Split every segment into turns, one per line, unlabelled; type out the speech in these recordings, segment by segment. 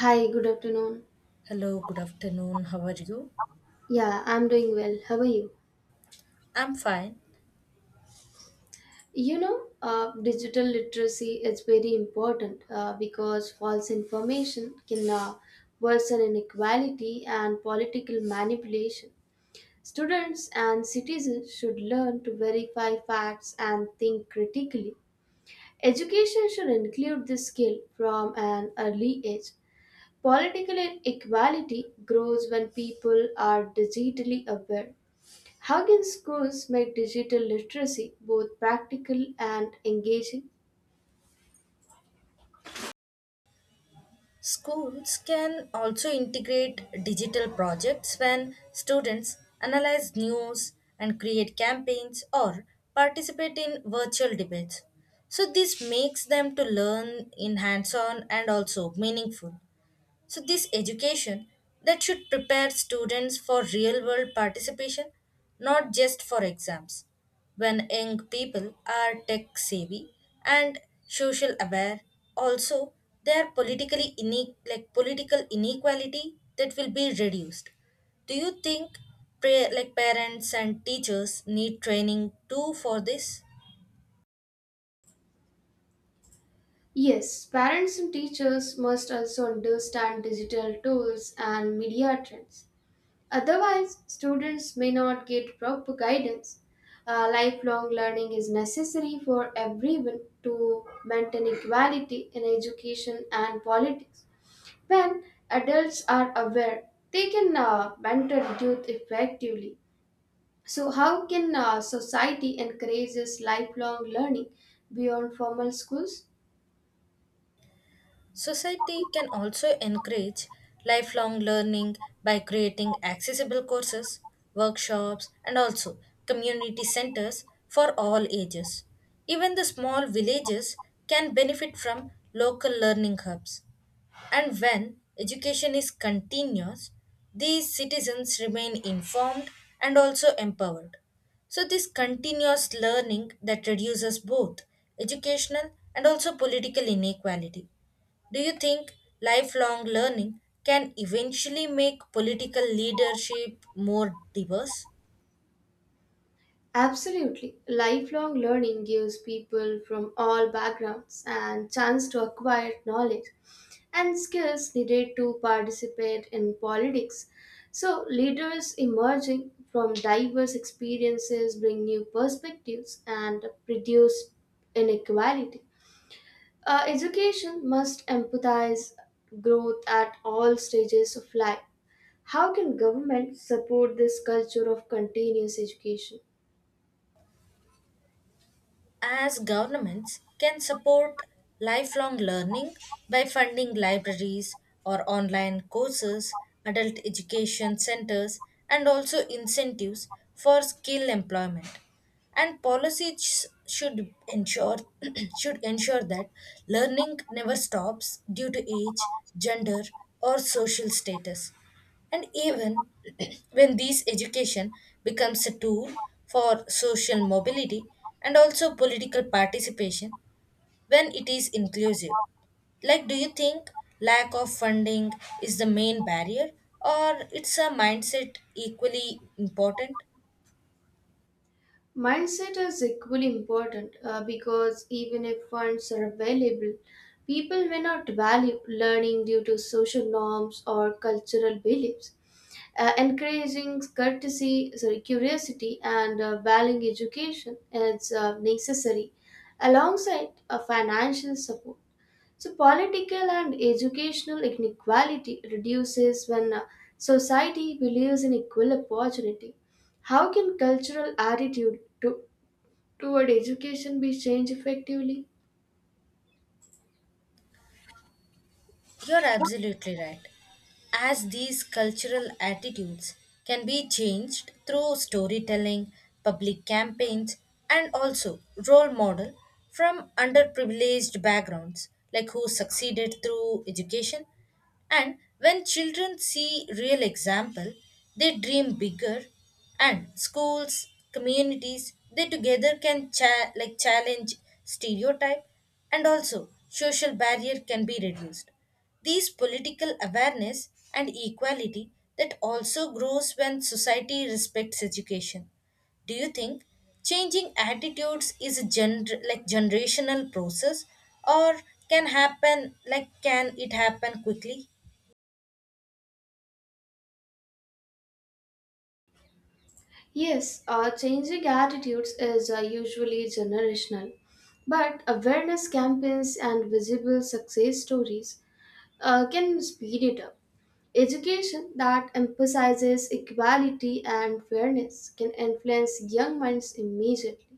Hi, good afternoon.
Hello, good afternoon. How are you?
Yeah, I'm doing well. How are you?
I'm fine.
Digital literacy is very important because false information can worsen inequality and political manipulation. Students and citizens should learn to verify facts and think critically. Education should include this skill from an early age. Political inequality grows when people are digitally aware. How can schools make digital literacy both practical and engaging?
Schools can also integrate digital projects when students analyze news and create campaigns or participate in virtual debates. So this makes them to learn in hands-on and also meaningful. So, this education that should prepare students for real world participation, not just for exams. When young people are tech savvy and social aware, also they are politically like political inequality that will be reduced. Do you think like parents and teachers need training too for this?
Yes, parents and teachers must also understand digital tools and media trends. Otherwise, students may not get proper guidance. Lifelong learning is necessary for everyone to maintain equality in education and politics. When adults are aware, they can mentor youth effectively. So, how can society encourages lifelong learning beyond formal schools?
Society can also encourage lifelong learning by creating accessible courses, workshops, and also community centers for all ages. Even the small villages can benefit from local learning hubs. And when education is continuous, these citizens remain informed and also empowered. So, this continuous learning that reduces both educational and also political inequality. Do you think lifelong learning can eventually make political leadership more diverse?
Absolutely. Lifelong learning gives people from all backgrounds and chance to acquire knowledge and skills needed to participate in politics. So, leaders emerging from diverse experiences bring new perspectives and reduce inequality. Education must empathize growth at all stages of life. How can government support this culture of continuous education?
As governments can support lifelong learning by funding libraries or online courses, adult education centers, and also incentives for skill employment and policies should ensure should ensure that learning never stops due to age, gender, or social status. And even when this education becomes a tool for social mobility and also political participation when it is inclusive. Like, do you think lack of funding is the main barrier or it's a mindset equally important?
Mindset is equally important because even if funds are available, people may not value learning due to social norms or cultural beliefs. Encouraging courtesy, sorry, curiosity and valuing education is necessary alongside a financial support. So, political and educational inequality reduces when society believes in equal opportunity. How can cultural toward education be changed effectively?
You're absolutely right. As these cultural attitudes can be changed through storytelling, public campaigns, and also role model from underprivileged backgrounds, like who succeeded through education, and when children see real example, they dream bigger, and schools, communities, they together can like challenge stereotype and also social barrier can be reduced. These political awareness and equality that also grows when society respects education. Do you think changing attitudes is a like generational process or can happen like can it happen quickly?
Yes, changing attitudes is usually generational, but awareness campaigns and visible success stories can speed it up. Education that emphasizes equality and fairness can influence young minds immediately.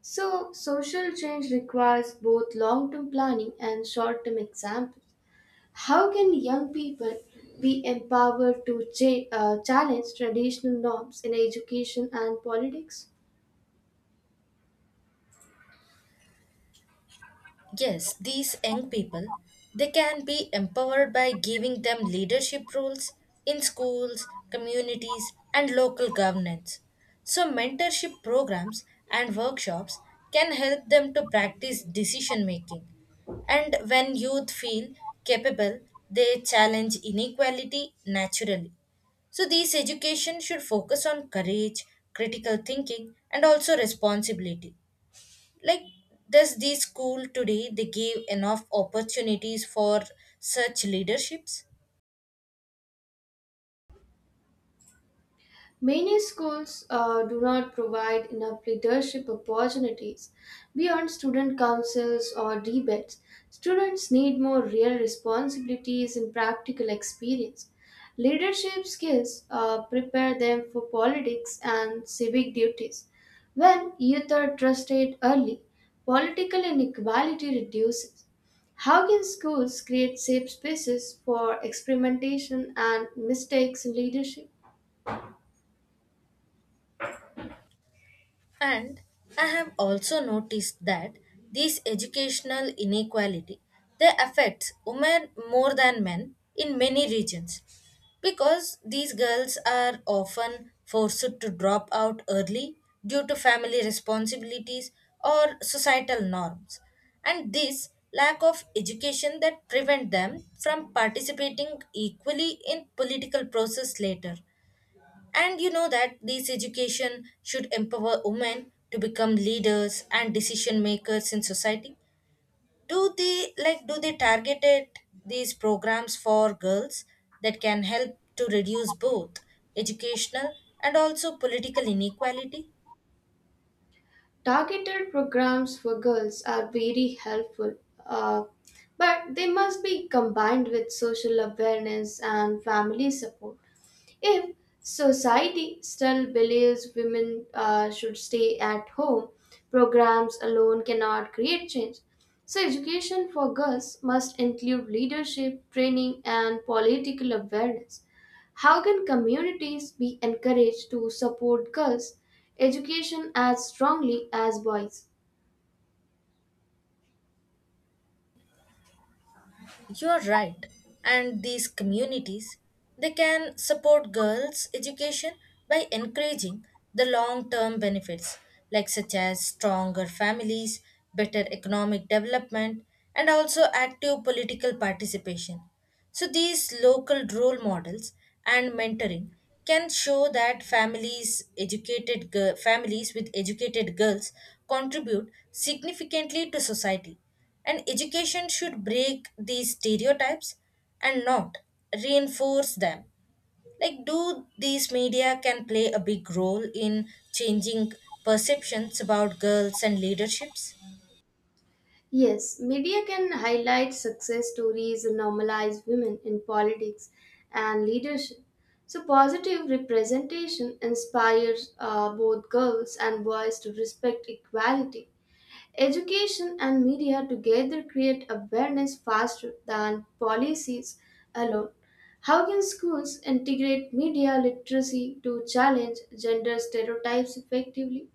So, social change requires both long term planning and short term examples. How can young people be empowered to challenge traditional norms in education and politics?
Yes, these young people, they can be empowered by giving them leadership roles in schools, communities, and local governance. So, mentorship programs and workshops can help them to practice decision making. And when youth feel capable, they challenge inequality naturally. So, these education should focus on courage, critical thinking, and also responsibility like does the school today they give enough opportunities for such leaderships?
Many schools do not provide enough leadership opportunities beyond student councils or debates. Students need more real responsibilities and practical experience. Leadership skills prepare them for politics and civic duties. When youth are trusted early, political inequality reduces. How can schools create safe spaces for experimentation and mistakes in leadership?
And I have also noticed that these educational inequality they affects women more than men in many regions because these girls are often forced to drop out early due to family responsibilities or societal norms, and this lack of education that prevent them from participating equally in political process later, and you know that this education should empower women to become leaders and decision makers in society. Do they like do they targeted these programs for girls that can help to reduce both educational and also political inequality?
Targeted programs for girls are very helpful, uh, but they must be combined with social awareness and family support. If society still believes women should stay at home, programs alone cannot create change. So, education for girls must include leadership, training, and political awareness. How can communities be encouraged to support girls' education as strongly as boys?
You're right. And these communities, they can support girls' education by encouraging the long-term benefits, like such as stronger families, better economic development, and also active political participation. So these local role models and mentoring can show that families families with educated girls contribute significantly to society, and education should break these stereotypes and not reinforce them. Like, do these media can play a big role in changing perceptions about girls and leaderships?
Yes, media can highlight success stories and normalize women in politics and leadership. So, positive representation inspires both girls and boys to respect equality. Education and media together create awareness faster than policies alone. How can schools integrate media literacy to challenge gender stereotypes effectively?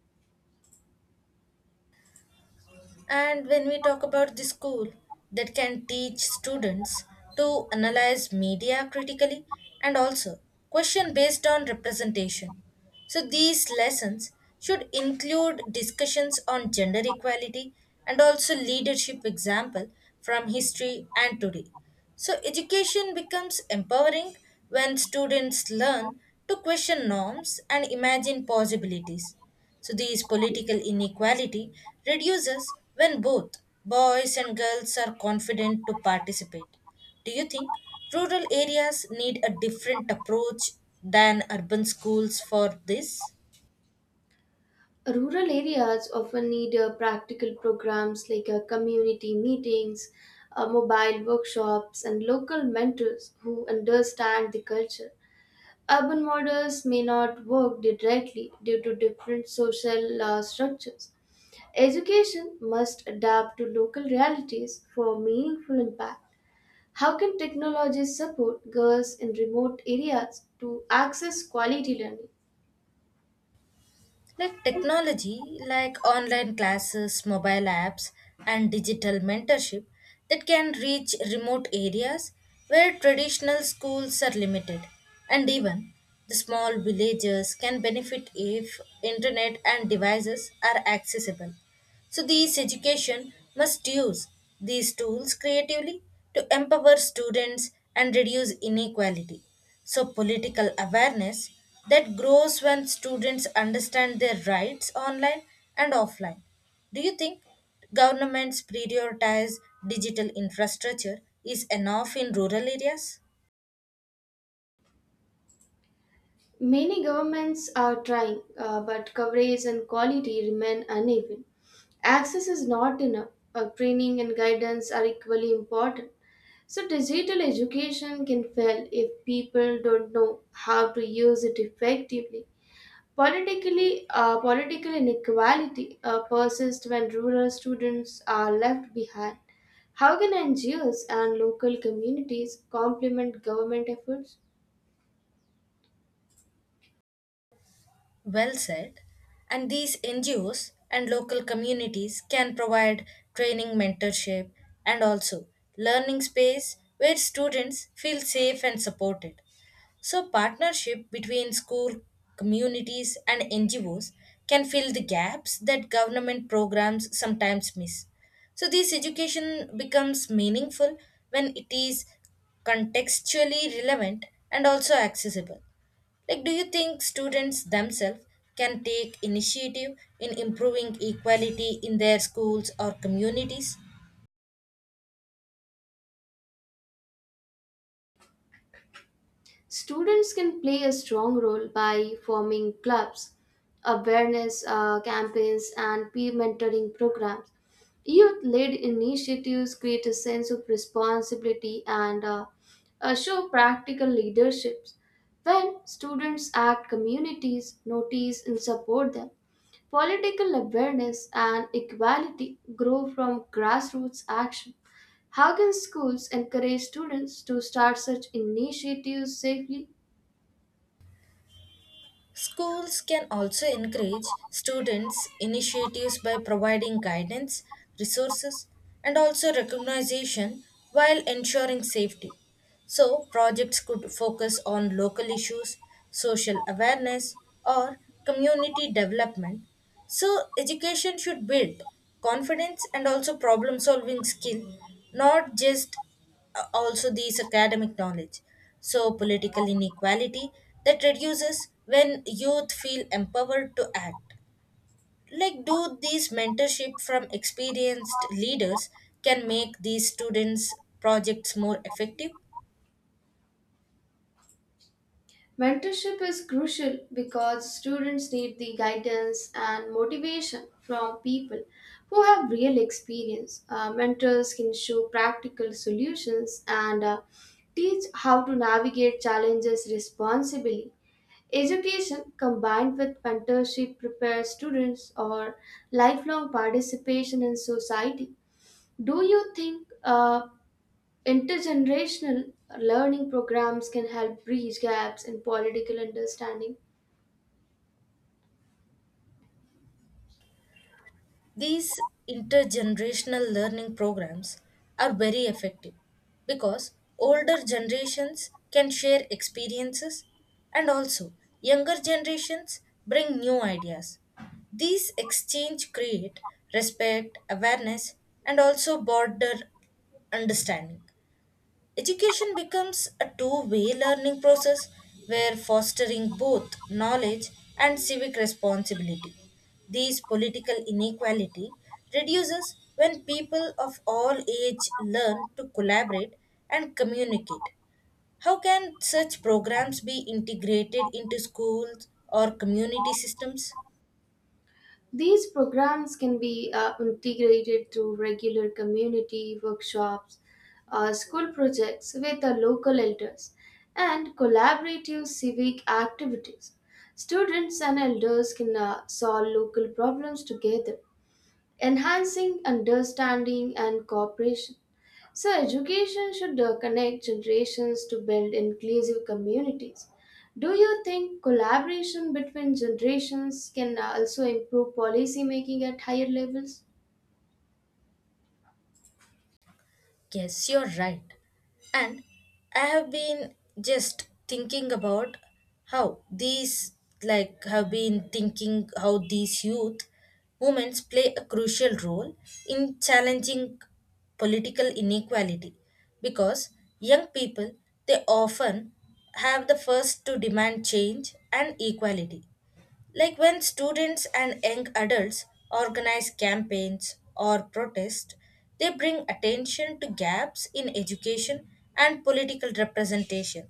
And when we talk about the school that can teach students to analyze media critically and also question based on representation. So these lessons should include discussions on gender equality and also leadership example from history and today. So education becomes empowering when students learn to question norms and imagine possibilities. So these political inequality reduces when both boys and girls are confident to participate. Do you think rural areas need a different approach than urban schools for this?
Rural areas often need practical programs like community meetings, mobile workshops, and local mentors who understand the culture. Urban models may not work directly due to different social structures. Education must adapt to local realities for meaningful impact. How can technology support girls in remote areas to access quality learning?
Like technology, like online classes, mobile apps, and digital mentorship that can reach remote areas where traditional schools are limited. And even the small villages can benefit if internet and devices are accessible. So these education must use these tools creatively to empower students and reduce inequality. So, political awareness that grows when students understand their rights online and offline. Do you think governments prioritize digital infrastructure is enough in rural areas?
Many governments are trying, but coverage and quality remain uneven. Access is not enough. Training and guidance are equally important. So, digital education can fail if people don't know how to use it effectively. Politically, political inequality persists when rural students are left behind. How can NGOs and local communities complement government efforts?
Well said. And these NGOs and local communities can provide training, mentorship, and also learning space where students feel safe and supported. So, partnership between school, communities, and NGOs can fill the gaps that government programs sometimes miss. So, this education becomes meaningful when it is contextually relevant and also accessible. Like, do you think students themselves can take initiative in improving equality in their schools or communities?
Students can play a strong role by forming clubs, awareness campaigns, and peer mentoring programs. Youth led initiatives create a sense of responsibility and show practical leaderships. When students act, communities notice and support them. Political awareness and equality grow from grassroots action. How can schools encourage students to start such initiatives safely?
Schools can also encourage students' initiatives by providing guidance, resources, and also recognition while ensuring safety. So, projects could focus on local issues, social awareness, or community development. So, education should build confidence and also problem solving skill, not just also these academic knowledge. So, political inequality that reduces when youth feel empowered to act. Like, do these mentorship from experienced leaders can make these students' projects more effective?
Mentorship is crucial because students need the guidance and motivation from people who have real experience. Mentors can show practical solutions and teach how to navigate challenges responsibly. Education combined with mentorship prepares students for lifelong participation in society. Do you think intergenerational learning programs can help bridge gaps in political understanding?
These intergenerational learning programs are very effective because older generations can share experiences and also younger generations bring new ideas. These exchange create respect, awareness, and also border understanding. Education becomes a two-way learning process where fostering both knowledge and civic responsibility. These political inequality reduces when people of all age learn to collaborate and communicate. How can such programs be integrated into schools or community systems?
These programs can be integrated through regular community workshops, school projects with the local elders, and collaborative civic activities. Students and elders can solve local problems together, enhancing understanding and cooperation. So, education should connect generations to build inclusive communities. Do you think collaboration between generations can also improve policy making at higher levels?
Yes, you're right. And I have been just thinking about how these, like, have been thinking how these youth movements play a crucial role in challenging political inequality because young people they often have the first to demand change and equality, like when students and young adults organize campaigns or protest, they bring attention to gaps in education and political representation.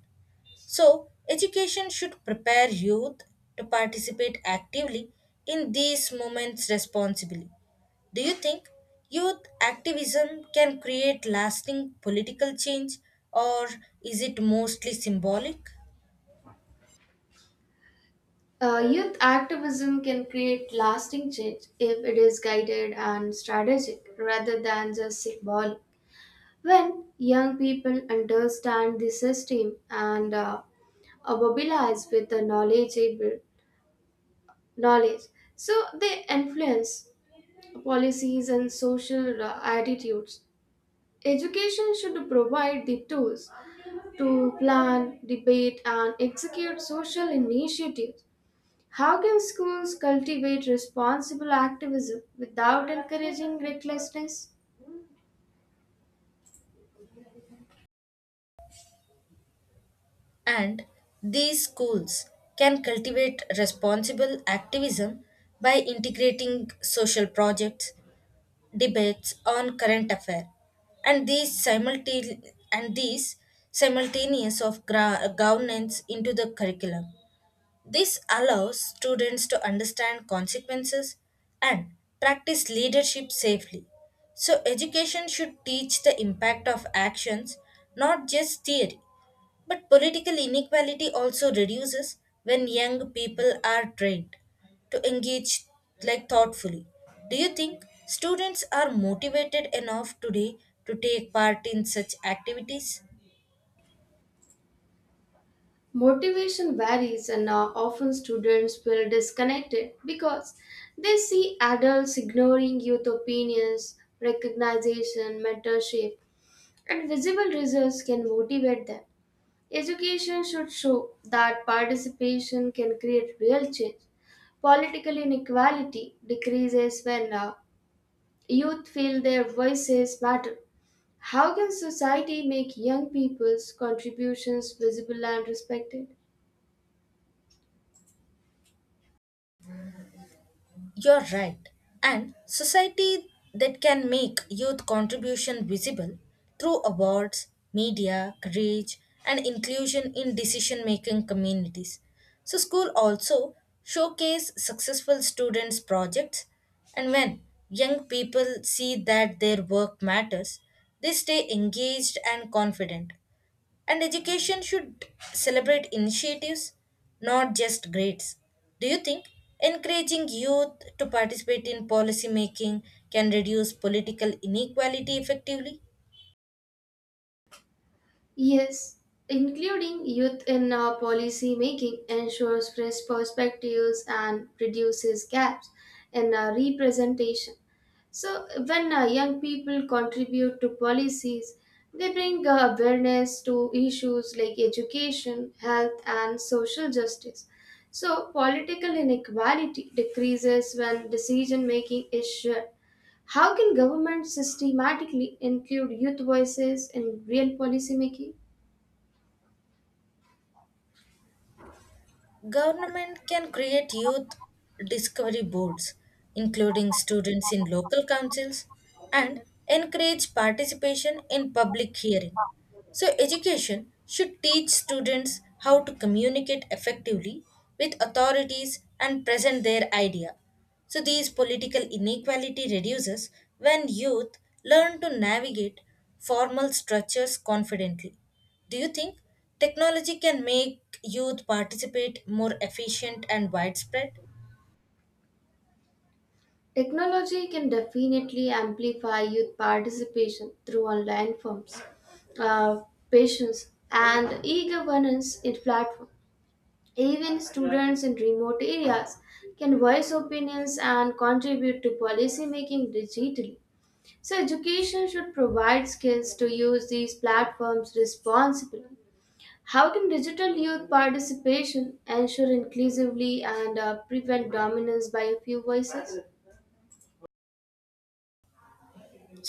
So, education should prepare youth to participate actively in these movements responsibly. Do you think youth activism can create lasting political change or is it mostly symbolic?
Youth activism can create lasting change if it is guided and strategic rather than just symbolic. When young people understand the system and are mobilized with the knowledge, so they influence policies and social attitudes. Education should provide the tools to plan, debate, and execute social initiatives. How can schools cultivate responsible activism without encouraging recklessness?
And these schools can cultivate responsible activism by integrating social projects, debates on current affairs, and these simultaneous of governance into the curriculum. This allows students to understand consequences and practice leadership safely. So education should teach the impact of actions, not just theory. But political inequality also reduces when young people are trained to engage like thoughtfully. Do you think students are motivated enough today to take part in such activities?
Motivation varies, and often students feel disconnected because they see adults ignoring youth opinions, recognition, mentorship, and visible results can motivate them. Education should show that participation can create real change. Political inequality decreases when youth feel their voices matter. How can society make young people's contributions visible and respected?
You're right. And society that can make youth contribution visible through awards, media, courage, and inclusion in decision making communities. So school also showcase successful students' projects, and when young people see that their work matters, they stay engaged and confident. And education should celebrate initiatives, not just grades. Do you think encouraging youth to participate in policy making can reduce political inequality effectively?
Yes, including youth in policy making ensures fresh perspectives and reduces gaps in representation. So, when young people contribute to policies, they bring awareness to issues like education, health, and social justice. So, political inequality decreases when decision making is shared. How can government systematically include youth voices in real policy making?
Government can create youth discovery boards, including students in local councils, and encourage participation in public hearing. So, education should teach students how to communicate effectively with authorities and present their idea. So, these political inequality reduces when youth learn to navigate formal structures confidently. Do you think technology can make youth participate more efficient and widespread?
Technology can definitely amplify youth participation through online forums, uh, patients, and e-governance in platform. Even students in remote areas can voice opinions and contribute to policy making digitally. So education should provide skills to use these platforms responsibly. How can digital youth participation ensure inclusively and prevent dominance by a few voices?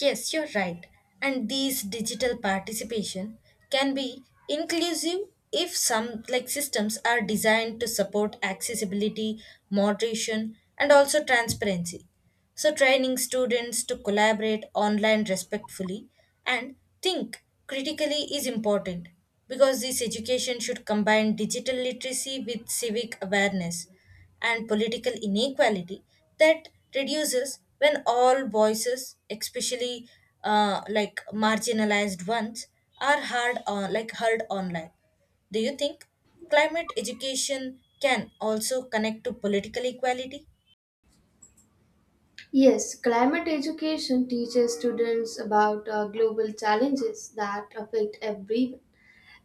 Yes, you're right. And these digital participation can be inclusive if some like systems are designed to support accessibility, moderation, and also transparency. So, training students to collaborate online respectfully and think critically is important because this education should combine digital literacy with civic awareness, and political inequality that reduces when all voices, especially like marginalized ones, are heard on like heard online. Do you think climate education can also connect to political equality?
Yes, climate education teaches students about global challenges that affect everyone,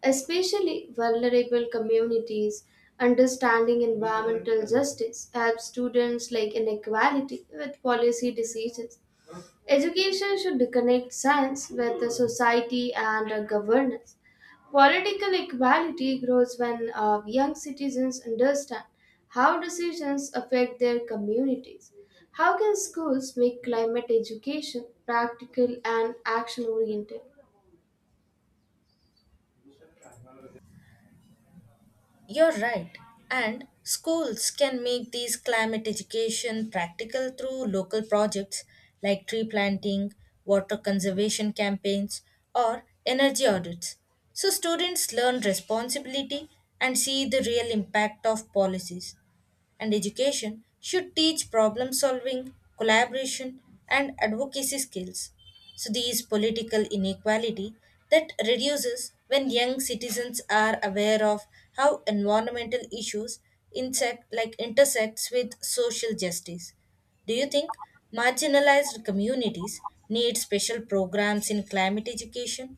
especially vulnerable communities. Understanding environmental justice helps students like inequality with policy decisions. Education should connect science with the society and governance. Political equality grows when young citizens understand how decisions affect their communities. How can schools make climate education practical and action oriented?
You're right. And schools can make these climate education practical through local projects like tree planting, water conservation campaigns, or energy audits. So students learn responsibility and see the real impact of policies, and education should teach problem solving, collaboration, and advocacy skills. So, these political inequality that reduces when young citizens are aware of how environmental issues like intersects with social justice. Do you think marginalized communities need special programs in climate education?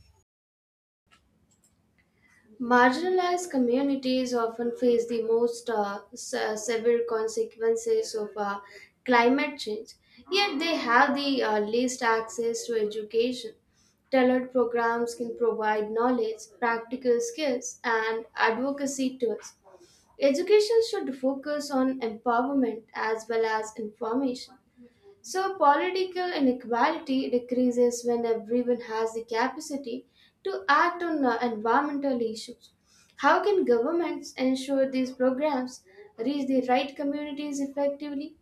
Marginalized communities often face the most severe consequences of climate change, yet they have the least access to education. Tailored programs can provide knowledge, practical skills, and advocacy tools. Education should focus on empowerment as well as information. So, political inequality decreases when everyone has the capacity to act on environmental issues. How can governments ensure these programs reach the right communities effectively?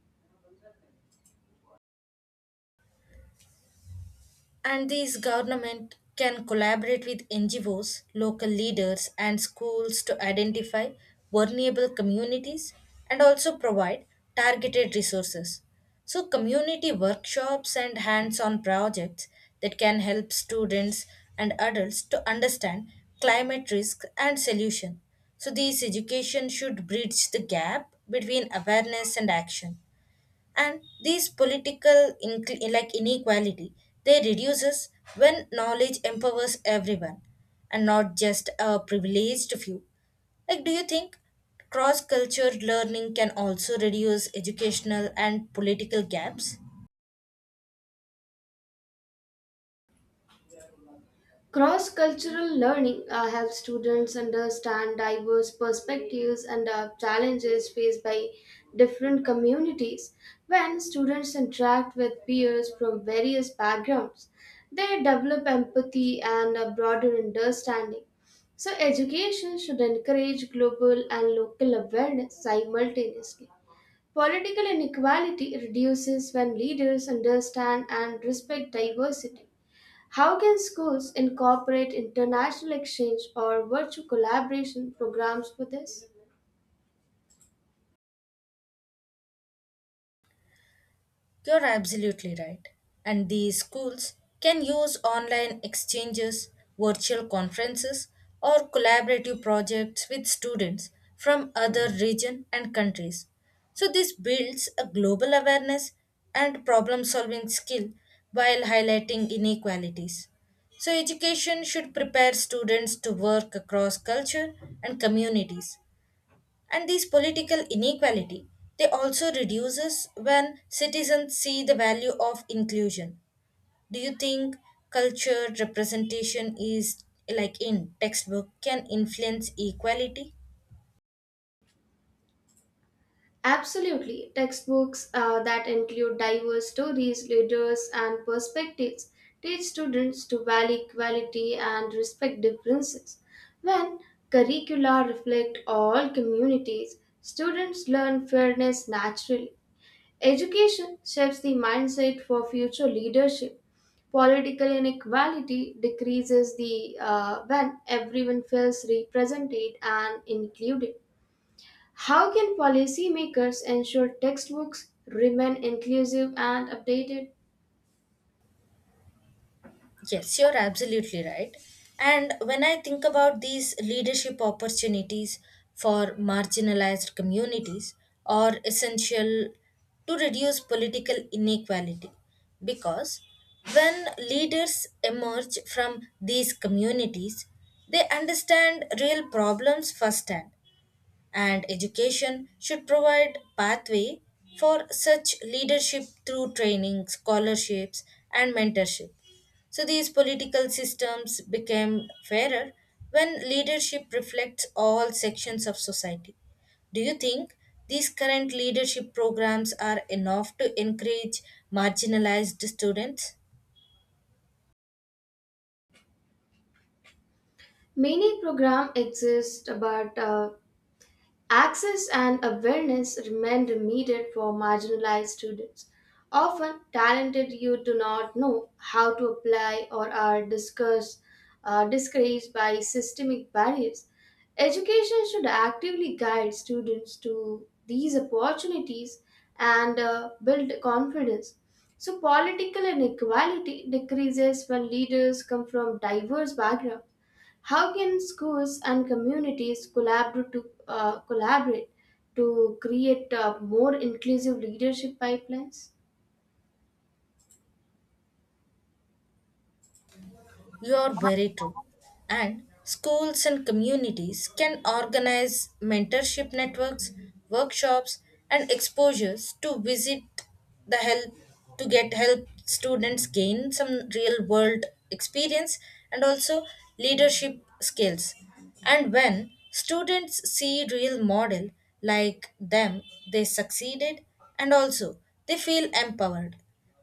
And these government can collaborate with NGOs, local leaders, and schools to identify vulnerable communities and also provide targeted resources. So, community workshops and hands on projects that can help students and adults to understand climate risk and solution. So, these education should bridge the gap between awareness and action, and these political like inequality they reduces when knowledge empowers everyone and not just a privileged few. Like, do you think cross culture learning can also reduce educational and political gaps?
Cross cultural learning helps students understand diverse perspectives and challenges faced by different communities. When students interact with peers from various backgrounds, they develop empathy and a broader understanding. So, education should encourage global and local awareness simultaneously. Political inequality reduces when leaders understand and respect diversity. How can schools incorporate international exchange or virtual collaboration programs for this?
You're absolutely right. And these schools can use online exchanges, virtual conferences, or collaborative projects with students from other regions and countries. So this builds a global awareness and problem-solving skill while highlighting inequalities. So education should prepare students to work across culture and communities, and these political inequality, they also reduces when citizens see the value of inclusion. Do you think culture representation is like in textbook can influence equality?
Absolutely. Textbooks that include diverse stories, leaders, and perspectives teach students to value equality and respect differences. When curricula reflect all communities, students learn fairness naturally. Education shapes the mindset for future leadership. Political inequality decreases the when everyone feels represented and included. How can policymakers ensure textbooks remain inclusive and updated?
Yes, you're absolutely right. And when I think about these leadership opportunities for marginalized communities are essential to reduce political inequality because when leaders emerge from these communities, they understand real problems firsthand, and education should provide pathway for such leadership through training, scholarships, and mentorship. So these political systems became fairer when leadership reflects all sections of society. Do you think these current leadership programs are enough to encourage marginalized students?
Many programs exist, but access and awareness remained needed for marginalized students. Often, talented youth do not know how to apply or are discouraged by systemic barriers. Education should actively guide students to these opportunities and build confidence. So, political inequality decreases when leaders come from diverse backgrounds. How can schools and communities collaborate to create more inclusive leadership pipelines?
You are very true. And schools and communities can organize mentorship networks, workshops, and exposures to visit the help to get help students gain some real world experience and also leadership skills. And when students see real model like them, they succeeded and also they feel empowered.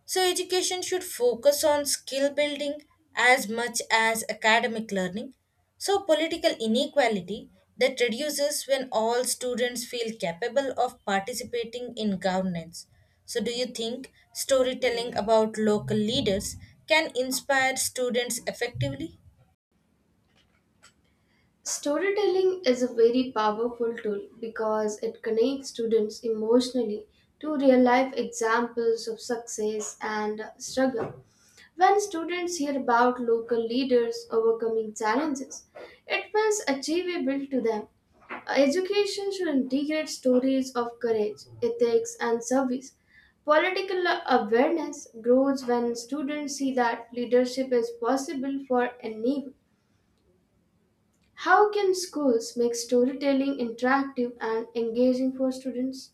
So, education should focus on skill building as much as academic learning. So, political inequality that reduces when all students feel capable of participating in governance. So, do you think storytelling about local leaders can inspire students effectively?
Storytelling is a very powerful tool because it connects students emotionally to real life examples of success and struggle. When students hear about local leaders overcoming challenges, it feels achievable to them. Education should integrate stories of courage, ethics, and service. Political awareness grows when students see that leadership is possible for anyone. How can schools make storytelling interactive and engaging for students?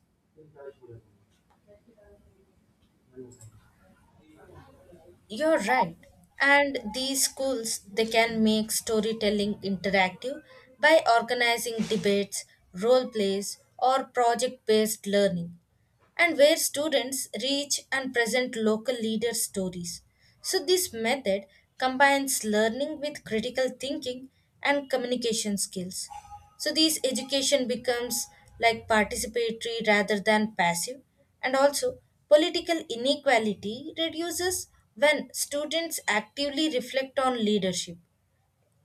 You're right. And these schools, they can make storytelling interactive by organizing debates, role plays, or project based learning, and where students reach and present local leader stories. So, this method combines learning with critical thinking and communication skills. So these education becomes like participatory rather than passive, and also political inequality reduces when students actively reflect on leadership.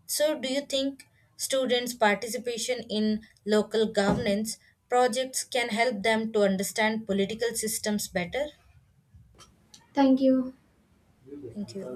So do you think students participation in local governance projects can help them to understand political systems better?
Thank you.
Thank you.